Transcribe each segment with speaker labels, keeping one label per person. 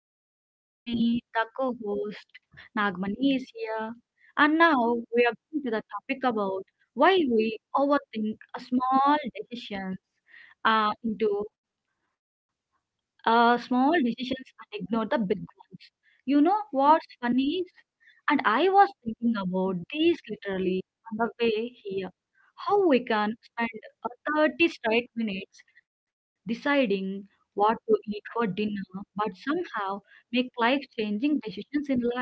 Speaker 1: Devi. With me, the co host, Nagmani is here. And now we are going to the topic about why we overthink a small decisions into small decisions and ignore the big ones. You know what's funny is, and I was thinking about this literally on the way here, how we can spend uh, 30 straight minutes deciding what to eat for dinner, but somehow make life-changing decisions in life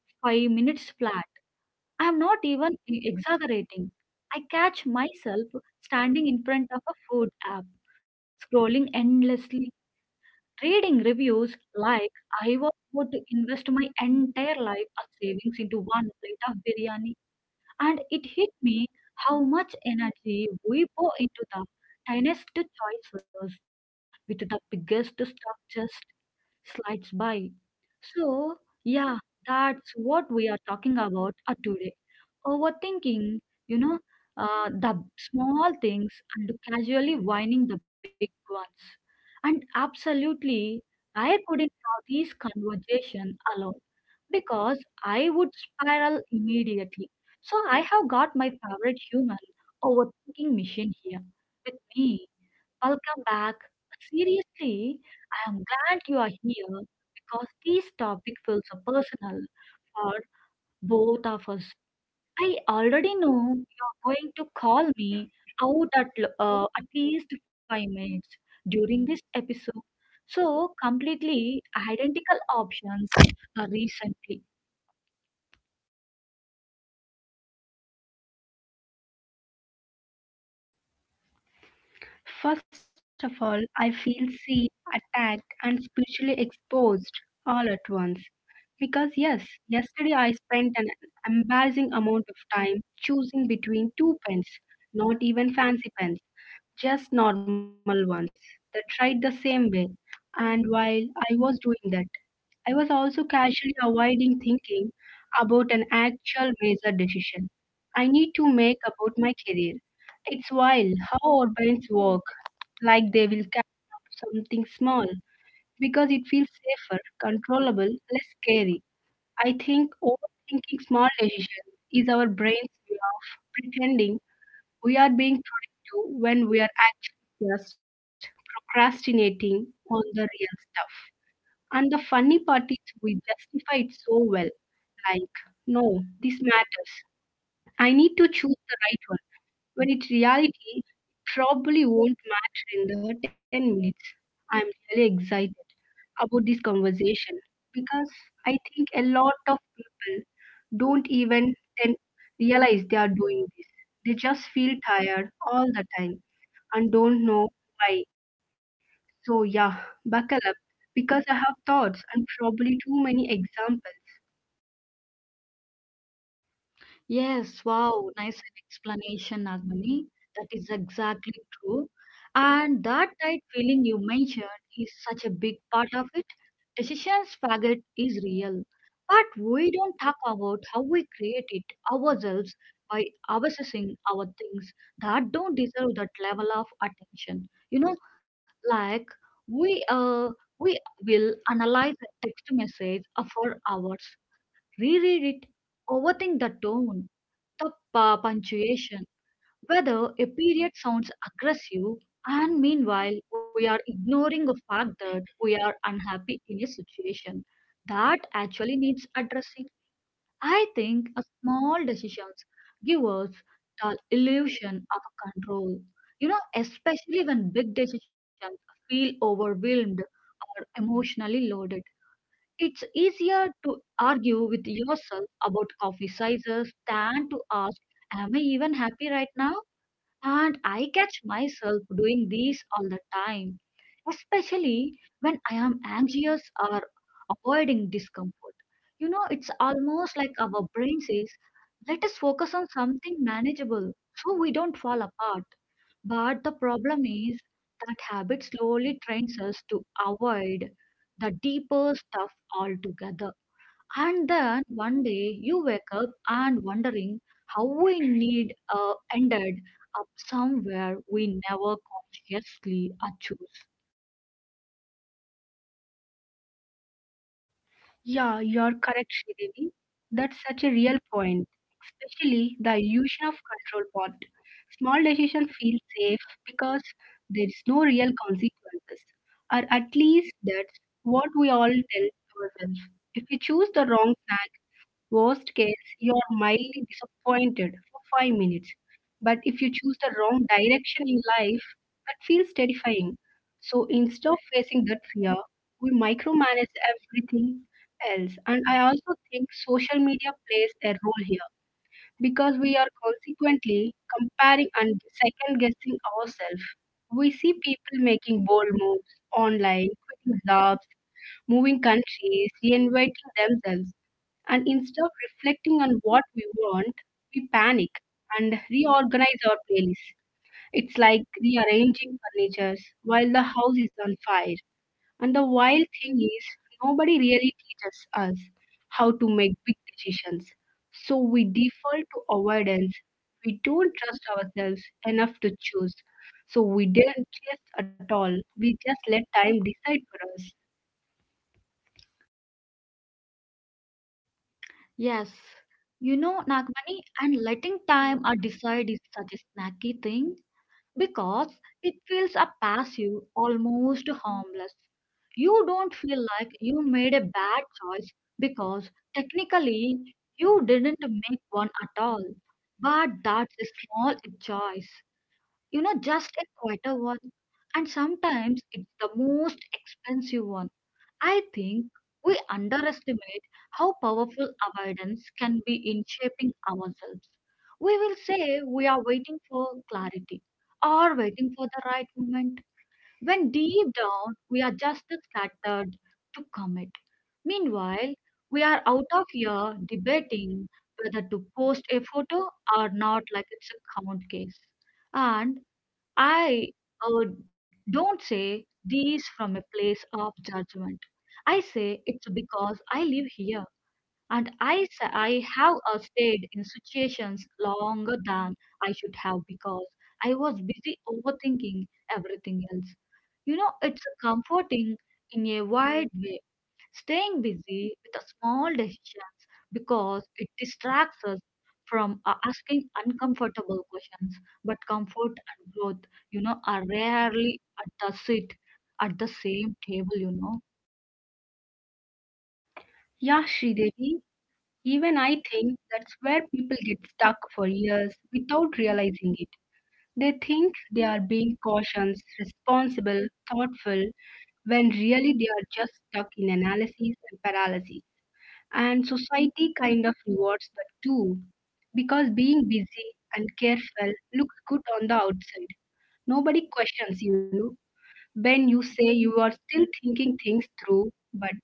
Speaker 1: 5 minutes flat. I'm not even exaggerating. I catch myself standing in front of a food app, scrolling endlessly reading reviews like I was about to invest my entire life of savings into one plate of biryani, and it hit me how much energy we pour into the tiniest choices with the biggest stuff just slides by. So, yeah, that's what we are talking about today. Overthinking, you know, the small things and casually whining the big ones. And absolutely, I couldn't have this conversation alone because I would spiral immediately. So I have got my favorite human overthinking machine here with me. Welcome back. Seriously, I am glad you are here because this topic feels so personal for both of us. I already know you're going to call me out at, at least five minutes during this episode. So, completely identical options recently.
Speaker 2: First of all, I feel seen, attacked, and spiritually exposed all at once. Because, yes, yesterday I spent an embarrassing amount of time choosing between two pens, not even fancy pens, just normal ones that tried the same way. And while I was doing that, I was also casually avoiding thinking about an actual major decision I need to make about my career. It's wild how our brains work like they will catch up something small because it feels safer, controllable, less scary. I think overthinking small decisions is our brain's way of pretending we are being productive when we are actually just procrastinating on the real stuff. And the funny part is we justify it so well, like, no, this matters. I need to choose the right one. When in reality, probably won't matter in the 10 minutes. I'm really excited about this conversation because I think a lot of people don't even then realize they are doing this. They just feel tired all the time and don't know why. So, yeah, buckle up because I have thoughts and probably too many examples.
Speaker 1: Yes, wow, nice explanation, Nagmani. That is exactly true. And that tight feeling you mentioned is such a big part of it. Decisions faggot is real, but we don't talk about how we create it ourselves by obsessing our things that don't deserve that level of attention. You know, like we uh we will analyze a text message for hours, reread it, overthink the tone the punctuation, whether a period sounds aggressive, and meanwhile we are ignoring the fact that we are unhappy in a situation that actually needs addressing. I think a small decisions give us the illusion of control. You know, especially when big decisions feel overwhelmed or emotionally loaded. It's easier to argue with yourself about coffee sizes than to ask, am I even happy right now? And I catch myself doing these all the time, especially when I am anxious or avoiding discomfort. You know, it's almost like our brain says, let us focus on something manageable so we don't fall apart. But the problem is that habit slowly trains us to avoid the deeper stuff altogether. And then one day you wake up and wondering how we need ended up somewhere we never consciously choose.
Speaker 2: Yeah, you're correct, Sridevi. That's such a real point, especially the illusion of control part. Small decisions feel safe because there is no real consequences, or at least that's what we all tell ourselves. If we choose the wrong worst case, you are mildly disappointed for 5 minutes. But if you choose the wrong direction in life, that feels terrifying. So instead of facing that fear, we micromanage everything else. And I also think social media plays a role here because we are consequently comparing and second guessing ourselves. We see people making bold moves online, quitting jobs, moving countries, reinventing themselves and instead of reflecting on what we want, we panic and reorganize our playlist. It's like rearranging furniture while the house is on fire. And the wild thing is, nobody really teaches us how to make big decisions. So we default to avoidance. We don't trust ourselves enough to choose. So we didn't chase at all. We just let time decide for us.
Speaker 1: Yes, you know, Nagmani, and letting time decide is such a snacky thing because it feels passive, almost harmless. You don't feel like you made a bad choice because technically you didn't make one at all. But that's a small choice, you know, just a quieter one. And sometimes it's the most expensive one. I think we underestimate how powerful avoidance can be in shaping ourselves. We will say we are waiting for clarity or waiting for the right moment, when deep down we are just scattered to commit. Meanwhile, we are out of here debating whether to post a photo or not, like it's a count case. And I uh, don't say these from a place of judgment. I say it's because I live here and I have stayed in situations longer than I should have because I was busy overthinking everything else. You know, it's comforting in a wide way staying busy with the small decisions because it distracts us from asking uncomfortable questions, but comfort and growth, you know, are rarely at the sit at the same table, you know.
Speaker 2: Yeah, Sridevi, even I think that's where people get stuck for years without realizing it. They think they are being cautious, responsible, thoughtful, when really they are just stuck in analysis and paralysis. And society kind of rewards that too, because being busy and careful looks good on the outside. Nobody questions, you know, when you say you are still thinking things through, but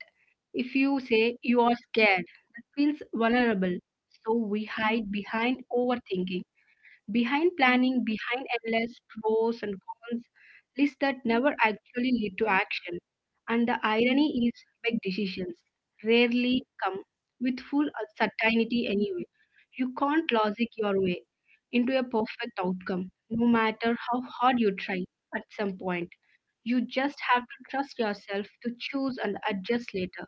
Speaker 2: if you say you are scared, that feels vulnerable. So we hide behind overthinking, behind planning, behind endless pros and cons lists that never actually lead to action. And the irony is, big decisions rarely come with full certainty anyway. You can't logic your way into a perfect outcome, no matter how hard you try at some point. You just have to trust yourself to choose and adjust later.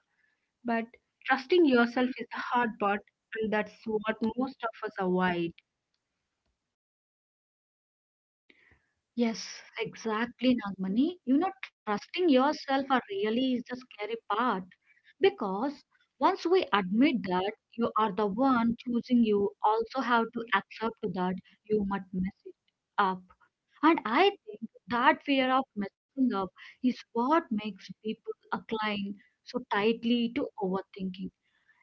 Speaker 2: But trusting yourself is the hard part, and that's what most of us avoid.
Speaker 1: Yes, exactly, Nagmani, you know, trusting yourself are really is the scary part because once we admit that you are the one choosing, you also have to accept that you might mess it up. And I think that fear of messing up is what makes people incline so tightly to overthinking.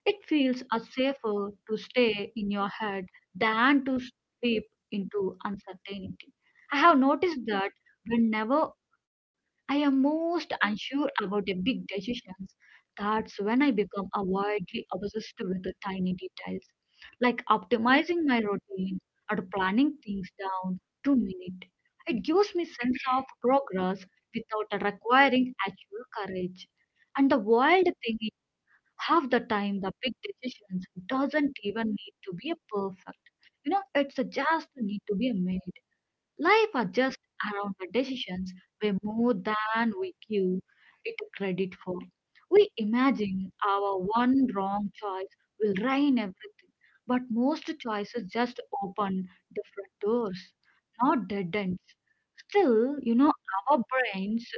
Speaker 1: It feels a safer to stay in your head than to slip into uncertainty. I have noticed that whenever I am most unsure about the big decisions. That's when I become avoidly obsessed with the tiny details, like optimizing my routine or planning things down to minute. It gives me sense of progress without requiring actual courage. And the wild thing is, half the time the big decisions doesn't even need to be perfect. You know, it's just need to be made. Life adjusts around the decisions way more than we give it credit for. We imagine our one wrong choice will ruin everything, but most choices just open different doors, not dead ends. Still, you know, our brains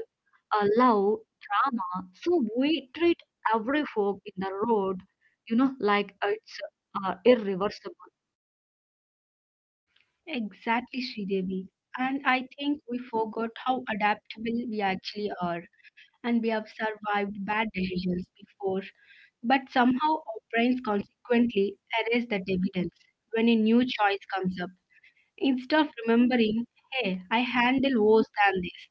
Speaker 1: love drama, so we treat every fork in the road, you know, like it's irreversible.
Speaker 2: Exactly, Sridevi. And I think we forgot how adaptable we actually are, and we have survived bad decisions before, but somehow our brains consequently erase that evidence when a new choice comes up. Instead of remembering, hey, I handle worse than this,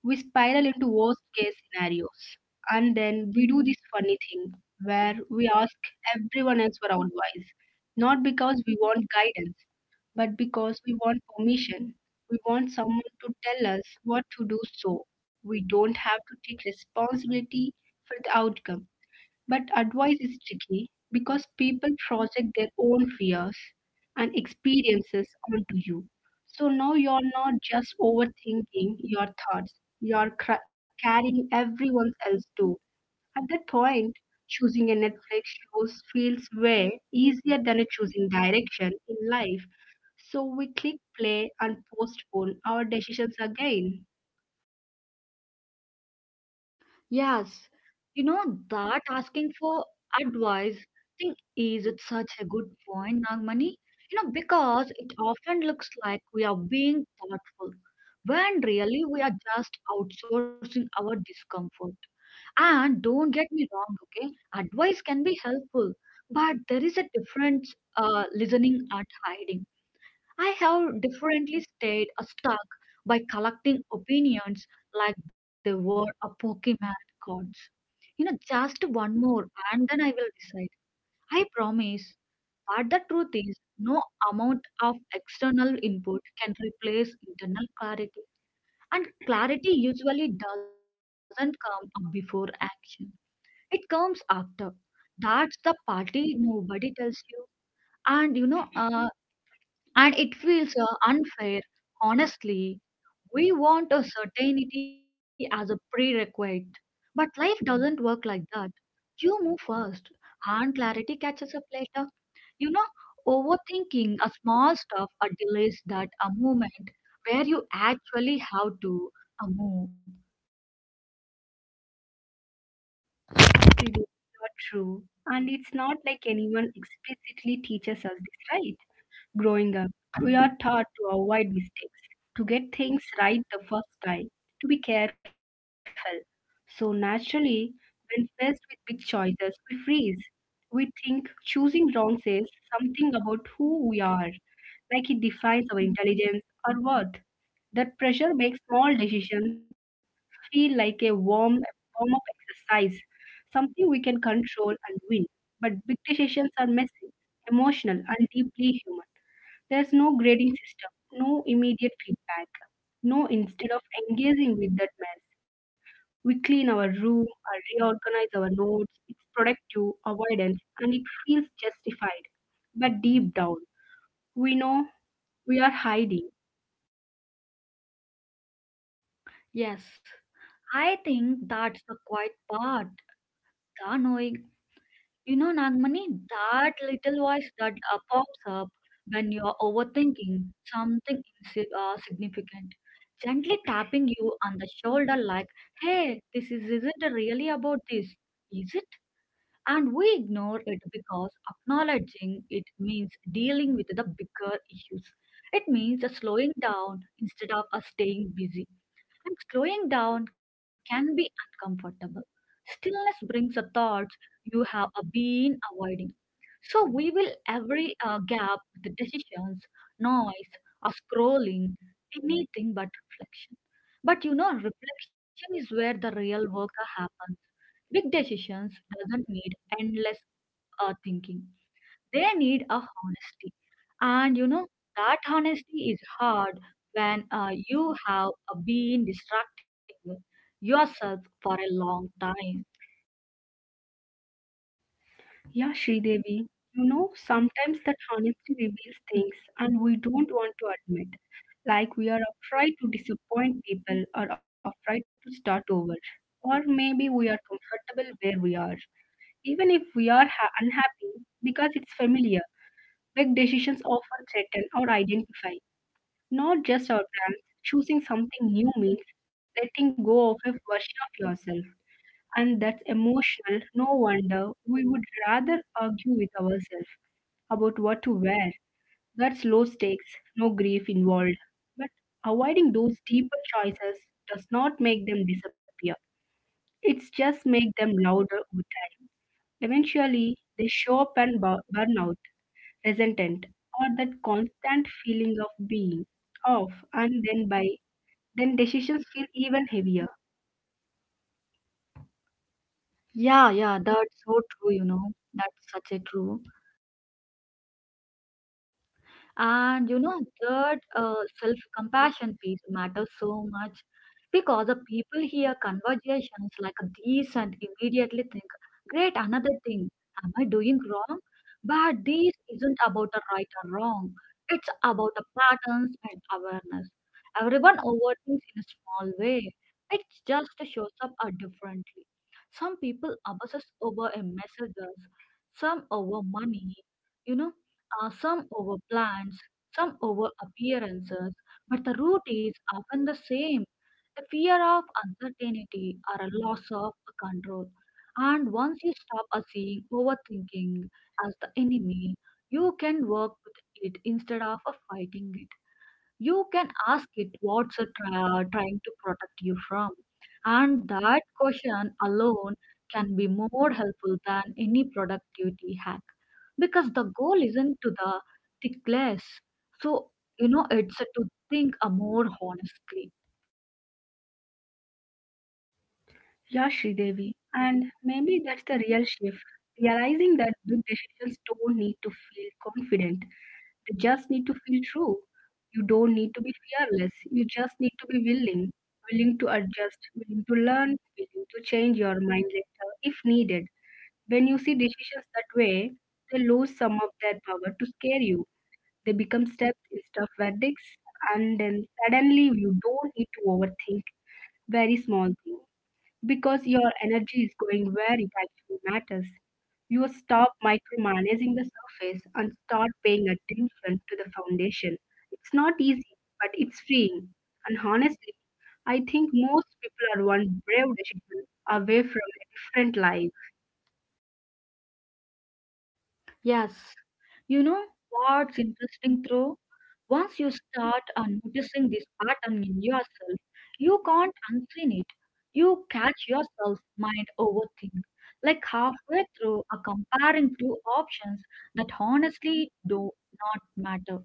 Speaker 2: we spiral into worst case scenarios. And then we do this funny thing where we ask everyone else for advice, not because we want guidance, but because we want permission. We want someone to tell us what to do so we don't have to take responsibility for the outcome. But advice is tricky because people project their own fears and experiences onto you. So now you're not just overthinking your thoughts, you're carrying everyone else too. At that point, choosing a Netflix show feels way easier than a choosing direction in life. So we click play and postpone our decisions again.
Speaker 1: Yes, you know, that asking for advice thing is it's such a good point, Nagmani. You know, because it often looks like we are being thoughtful when really we are just outsourcing our discomfort. And don't get me wrong, okay? Advice can be helpful, but there is a difference listening and hiding. I have differently stayed stuck by collecting opinions like they were a Pokemon cards. You know, just one more and then I will decide. I promise. But the truth is, no amount of external input can replace internal clarity. And clarity usually doesn't come up before action, it comes after. That's the party nobody tells you. And you know, uh, and it feels unfair honestly, we want a certainty as a prerequisite, but life doesn't work like that. You move first, and clarity catches up later. You know, overthinking a small stuff or delays that a moment where you actually have to move.
Speaker 2: It is not true. And it's not like anyone explicitly teaches us this, right? Growing up, we are taught to avoid mistakes, to get things right the first time, to be careful. So naturally, when faced with big choices, we freeze. We think choosing wrong says something about who we are, like it defines our intelligence or worth. That pressure makes small decisions feel like a warm up exercise, something we can control and win. But big decisions are messy, emotional, and deeply human. There's no grading system, no immediate feedback. No, instead of engaging with that mess, we clean our room or reorganize our notes. It's productive avoidance and it feels justified. But deep down, we know we are hiding.
Speaker 1: Yes, I think that's the quiet part, the knowing. You know, Nagmani, that little voice that pops up when you're overthinking something insi significant, gently tapping you on the shoulder like, hey, this is, isn't really about this, is it? And we ignore it because acknowledging it means dealing with the bigger issues. It means slowing down instead of us staying busy. And slowing down can be uncomfortable. Stillness brings the thoughts you have been avoiding. So we will every gap with the decisions, noise, or scrolling, anything but reflection. But you know, reflection is where the real work happens. Big decisions doesn't need endless thinking. They need a honesty, and you know that honesty is hard when you have been distracting yourself for a long time.
Speaker 2: Yeah, Sridevi, you know, sometimes that honesty reveals things and we don't want to admit. Like we are afraid to disappoint people or afraid to start over. Or maybe we are comfortable where we are. Even if we are unhappy because it's familiar, big decisions often threaten or identify, not just our plans. Choosing something new means letting go of a version of yourself. And that's emotional. No wonder we would rather argue with ourselves about what to wear. That's low stakes, no grief involved. But avoiding those deeper choices does not make them disappear. It's just make them louder over time. Eventually, they show up and burn out, resentment, or that constant feeling of being off, and then by then decisions feel even heavier. Yeah, yeah, that's so true, you know. That's such a true.
Speaker 1: And you know that self-compassion piece matters so much because the people hear conversations like these and immediately think, "Great, another thing. Am I doing wrong?" But this isn't about a right or wrong. It's about the patterns and awareness. Everyone overthinks in a small way. It just shows up differently. Some people obsess over a message, some over money. You know some over plans, some over appearances, but the root is often the same a fear of uncertainty or a loss of control. And once you stop seeing overthinking as the enemy, you can work with it instead of fighting it. You can ask it what's it trying to protect you from, and that question alone can be more helpful than any productivity hack because the goal isn't to the tick less, so you know it's to think a more honestly.
Speaker 2: Yeah, Devi, and maybe that's the real shift, realizing that big decisions don't need to feel confident. They just need to feel true. You don't need to be fearless. You just need to be willing, willing to adjust, willing to learn, willing to change your mind later if needed. When you see decisions that way, they lose some of their power to scare you. They become steps instead of verdicts, and then suddenly you don't need to overthink very small things because your energy is going where it actually matters. You will stop micromanaging the surface and start paying attention to the foundation. It's not easy, but it's freeing. And honestly, I think most people are one brave decision away from a different life.
Speaker 1: Yes, you know what's interesting though? Once you start noticing this pattern in yourself, you can't unseen it. You catch yourself mind overthink, like halfway through a comparing two options that honestly do not matter.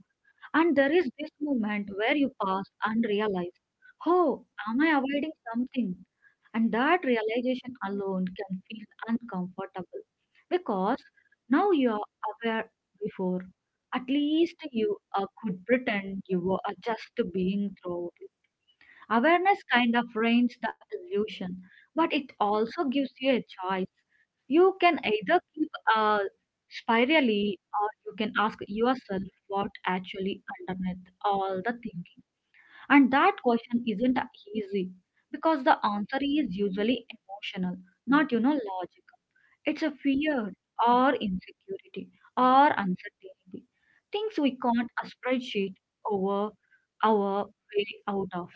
Speaker 1: And there is this moment where you pause and realize, oh, am I avoiding something? And that realization alone can feel uncomfortable because now you are aware before. At least you could pretend you were just being through it. Awareness kind of ruins the illusion, but it also gives you a choice. You can either keep uh, spirally or you can ask yourself what actually underneath all the thinking. And that question isn't easy because the answer is usually emotional, not you know logical. It's a fear or insecurity or uncertainty, things we can't a spreadsheet over our way out of.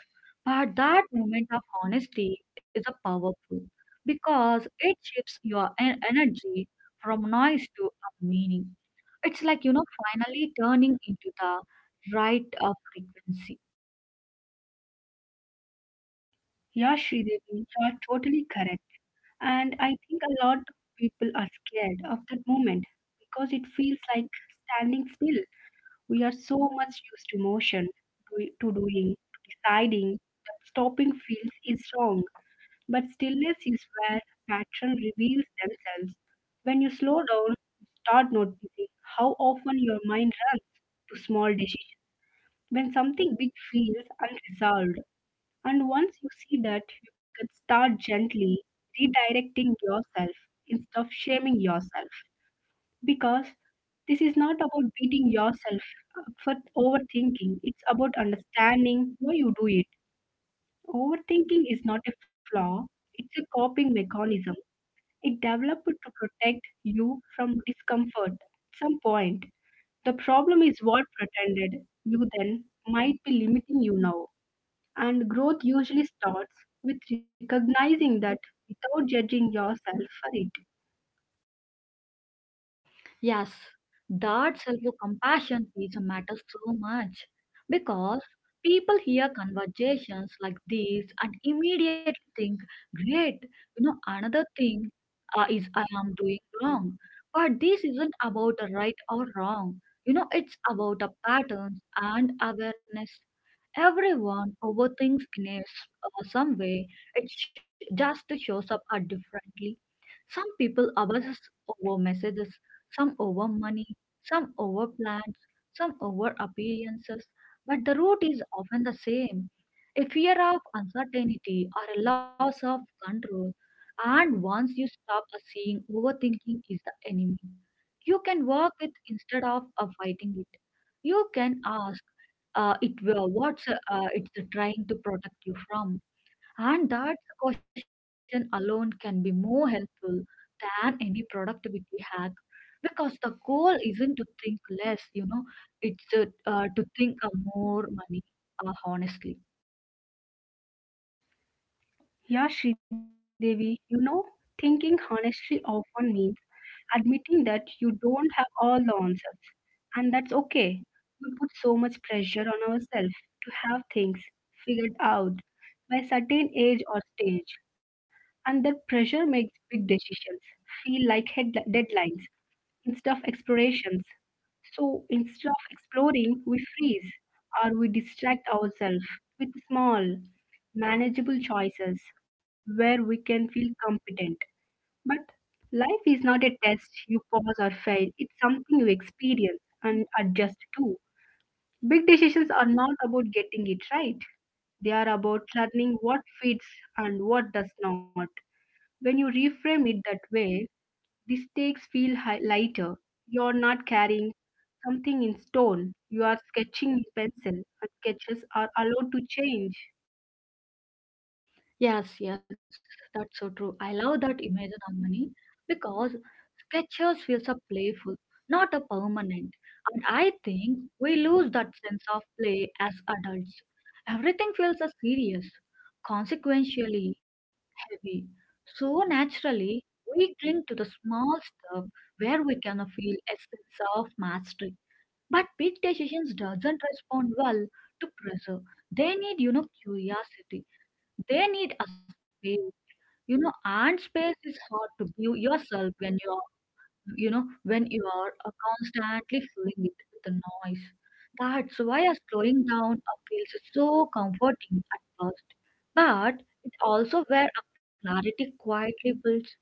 Speaker 1: But that moment of honesty is a powerful because it shifts your energy from noise to a meaning. It's like you know finally turning into the right of frequency.
Speaker 2: Yeah, Sridevi, you are totally correct. And I think a lot of people are scared of that moment because it feels like standing still. We are so much used to motion, to doing, to deciding, that stopping feels is wrong. But stillness is where patterns reveals themselves. When you slow down, you start noticing how often your mind runs to small decisions. When something big feels unresolved, and once you see that, you can start gently redirecting yourself instead of shaming yourself, because this is not about beating yourself up for overthinking. It's about understanding why you do it. Overthinking is not a flaw, it's a coping mechanism. It developed to protect you from discomfort at some point. The problem is what pretended you then might be limiting you now, and growth usually starts with recognizing that without judging yourself for it.
Speaker 1: Yes, that self-compassion piece matters so much because people hear conversations like these and immediately think, great, you know, another thing is I am doing wrong. But this isn't about a right or wrong. You know, it's about a patterns and awareness. Everyone overthinks in a, some way. It just shows up differently. Some people obsess over messages, some over money, some over plans, some over appearances, but the root is often the same, a fear of uncertainty or a loss of control. And once you stop seeing, overthinking is the enemy. You can work with instead of fighting it. You can ask what's it's trying to protect you from. And that caution alone can be more helpful than any productivity hack because the goal isn't to think less, you know, it's to to think more money honestly.
Speaker 2: Yeah, Shridevi, you know, thinking honestly often means admitting that you don't have all the answers. And that's okay. We put so much pressure on ourselves to have things figured out by a certain age or stage. And that pressure makes big decisions feel like deadlines instead of explorations. So instead of exploring, we freeze or we distract ourselves with small, manageable choices where we can feel competent. But life is not a test you pass or fail, it's something you experience and adjust to. Big decisions are not about getting it right, they are about learning what fits and what does not. When you reframe it that way, the stakes feel lighter. You're not carrying something in stone, you are sketching in pencil, and sketches are allowed to change.
Speaker 1: Yes, yes, that's so true. I love that image, Nandini, because sketches feels a playful, not a permanent. And I think we lose that sense of play as adults. Everything feels a serious, consequentially heavy. So naturally, we cling to the small stuff where we can feel a sense of mastery. But big decisions doesn't respond well to pressure. They need, you know, curiosity. They need a space, you know, and space is hard to give yourself when you are, you know, when you are constantly filling it with the noise. That's why a slowing down feels so comforting at first, but it also where a clarity quietly builds.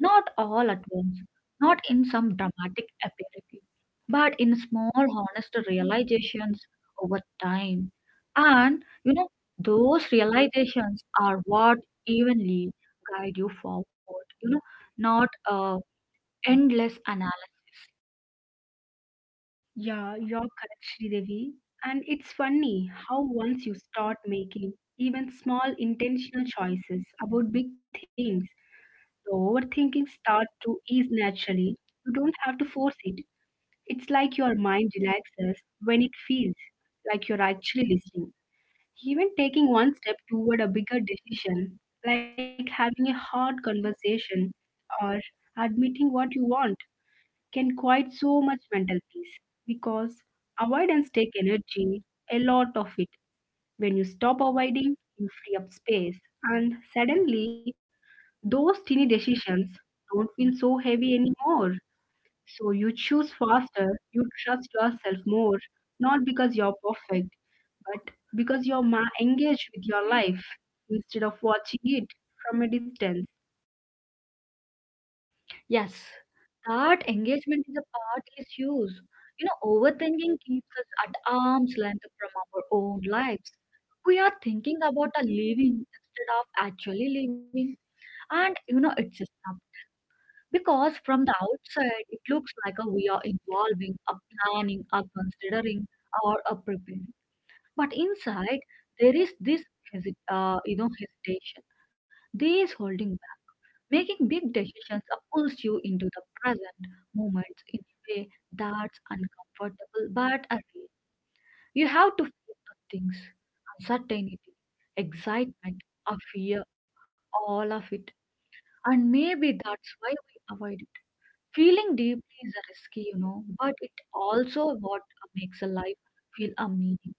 Speaker 1: Not all at once, not in some dramatic aperitif, but in small, honest realizations over time. And you know, those realizations are what evenly guide you forward, you know, not endless analysis.
Speaker 2: Yeah, you're correct, Sridevi. And it's funny how once you start making even small intentional choices about big things, the overthinking starts to ease naturally. You don't have to force it. It's like your mind relaxes when it feels like you're actually listening. Even taking one step toward a bigger decision, like having a hard conversation or admitting what you want, can quiet so much mental peace because avoidance takes energy, a lot of it. When you stop avoiding, you free up space, and suddenly those teeny decisions don't feel so heavy anymore. So you choose faster, you trust yourself more, not because you're perfect, but because you're engaged with your life instead of watching it from a distance.
Speaker 1: Yes, that engagement is a part is huge. You know, overthinking keeps us at arm's length from our own lives. We are thinking about a living instead of actually living. And you know, it's just up. Because from the outside, it looks like a, we are involving, a planning, a considering, or a preparing. But inside, there is this you know, hesitation. This holding back, making big decisions pulls you into the present moment in a way that's uncomfortable but a real. You have to feel the things, uncertainty, excitement, a fear, all of it. And maybe that's why we avoid it. Feeling deeply is risky, you know, but it also what makes a life feel a meaning.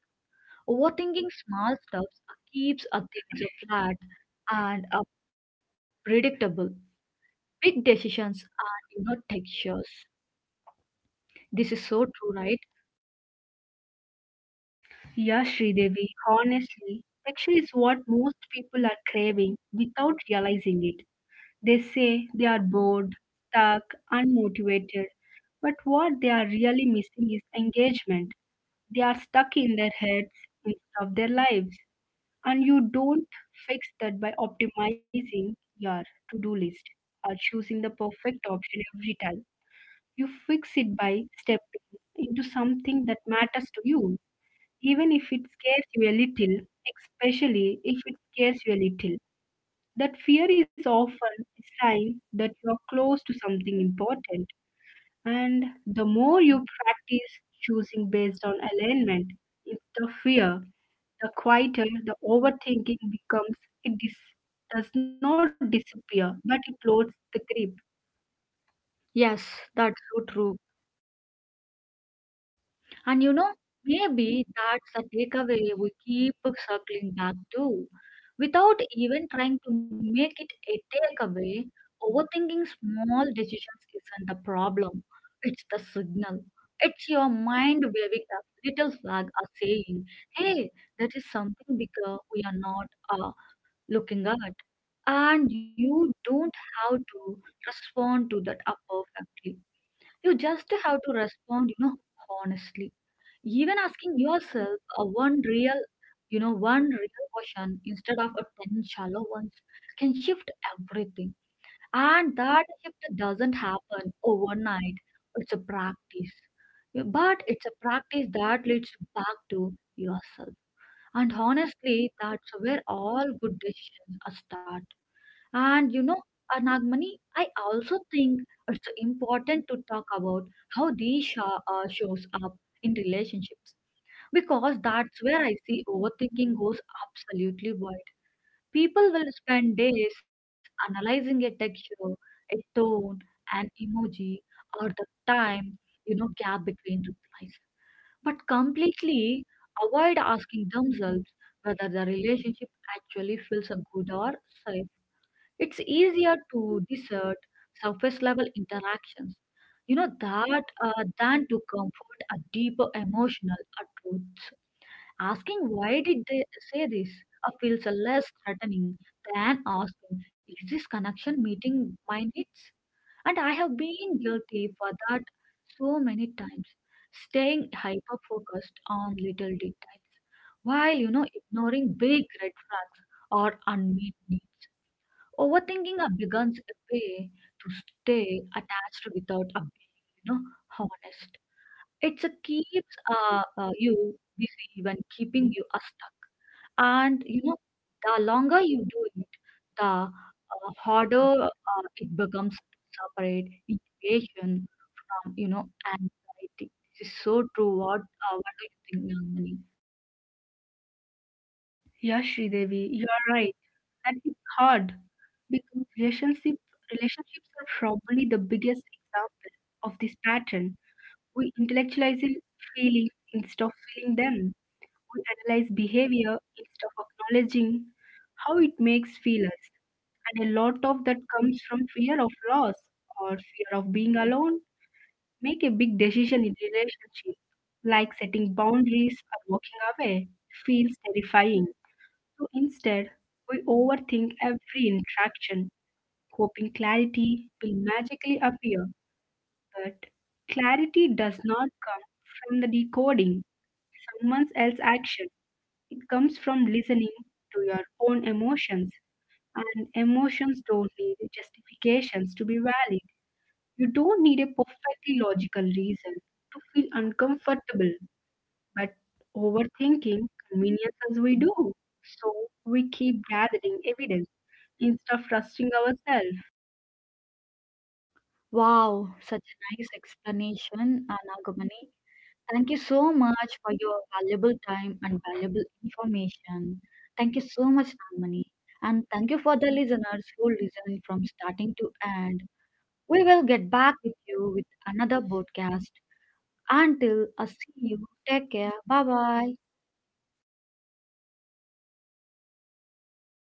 Speaker 1: Overthinking small stuffs keeps a things flat and a predictable. Big decisions and you know textures. This is so true, right?
Speaker 2: Yeah, Sridevi, honestly, action is what most people are craving without realizing it. They say they are bored, stuck, unmotivated, but what they are really missing is engagement. They are stuck in their heads instead of their lives. And you don't fix that by optimizing your to do list or choosing the perfect option every time. You fix it by stepping into something that matters to you even if it scares you a little, especially if it scares you a little. That fear is often a sign that you are close to something important. And the more you practice choosing based on alignment instead of fear, the quieter the overthinking becomes. It does not disappear, but it loses the grip. Yes, that's so true.
Speaker 1: And you know, maybe that's the takeaway we keep circling back to. Without even trying to make it a takeaway, overthinking small decisions isn't the problem. It's the signal. It's your mind waving a little flag or saying, hey, there is something bigger we are not looking at. And you don't have to respond to that perfectly. You just have to respond, you know, honestly, even asking yourself a one real question instead of a 10 shallow ones can shift everything, and that shift doesn't happen overnight. It's a practice. Yeah, but it's a practice that leads back to yourself, and honestly that's where all good decisions are start. And you know, anagmani, I also think it's important to talk about how shows up in relationships because that's where I see overthinking goes absolutely wild. People will spend days analyzing a texture, a tone, an emoji, or the time, you know, gap between replies, but completely avoid asking themselves whether the relationship actually feels good or safe. It's easier to desert surface level interactions, you know, that than to comfort a deeper emotional truth. Asking why did they say this feels less threatening than asking, is this connection meeting my needs? And I have been guilty for that so many times, staying hyper focused on little details while you know ignoring big red flags or unmet needs. Overthinking becomes a way to stay attached without a being, you know, honest. It's a keeps you busy when keeping you stuck. And you know, the longer you do it, the harder it becomes to separate intuition from you know anxiety. This is so true. What do you think, Nagamani?
Speaker 2: Yeah, Sridevi, you are right. And it's hard because relationships are probably the biggest example of this pattern. We intellectualize feelings instead of feeling them. We analyze behavior instead of acknowledging how it makes feel us. And a lot of that comes from fear of loss or fear of being alone. Make a big decision in relationship, like setting boundaries or walking away, feels terrifying. So instead, we overthink every interaction, hoping clarity will magically appear. But clarity does not come from the decoding someone else's action. It comes from listening to your own emotions. And emotions don't need justifications to be valid. You don't need a perfectly logical reason to feel uncomfortable, but overthinking convenience as we do. So we keep gathering evidence instead of trusting ourselves.
Speaker 1: Wow, such a nice explanation, Nagamani. Thank you so much for your valuable time and valuable information. Thank you so much, Nagamani. And thank you for the listeners who listen from starting to end. We will get back with you with another broadcast. Until I see you, take care. Bye bye.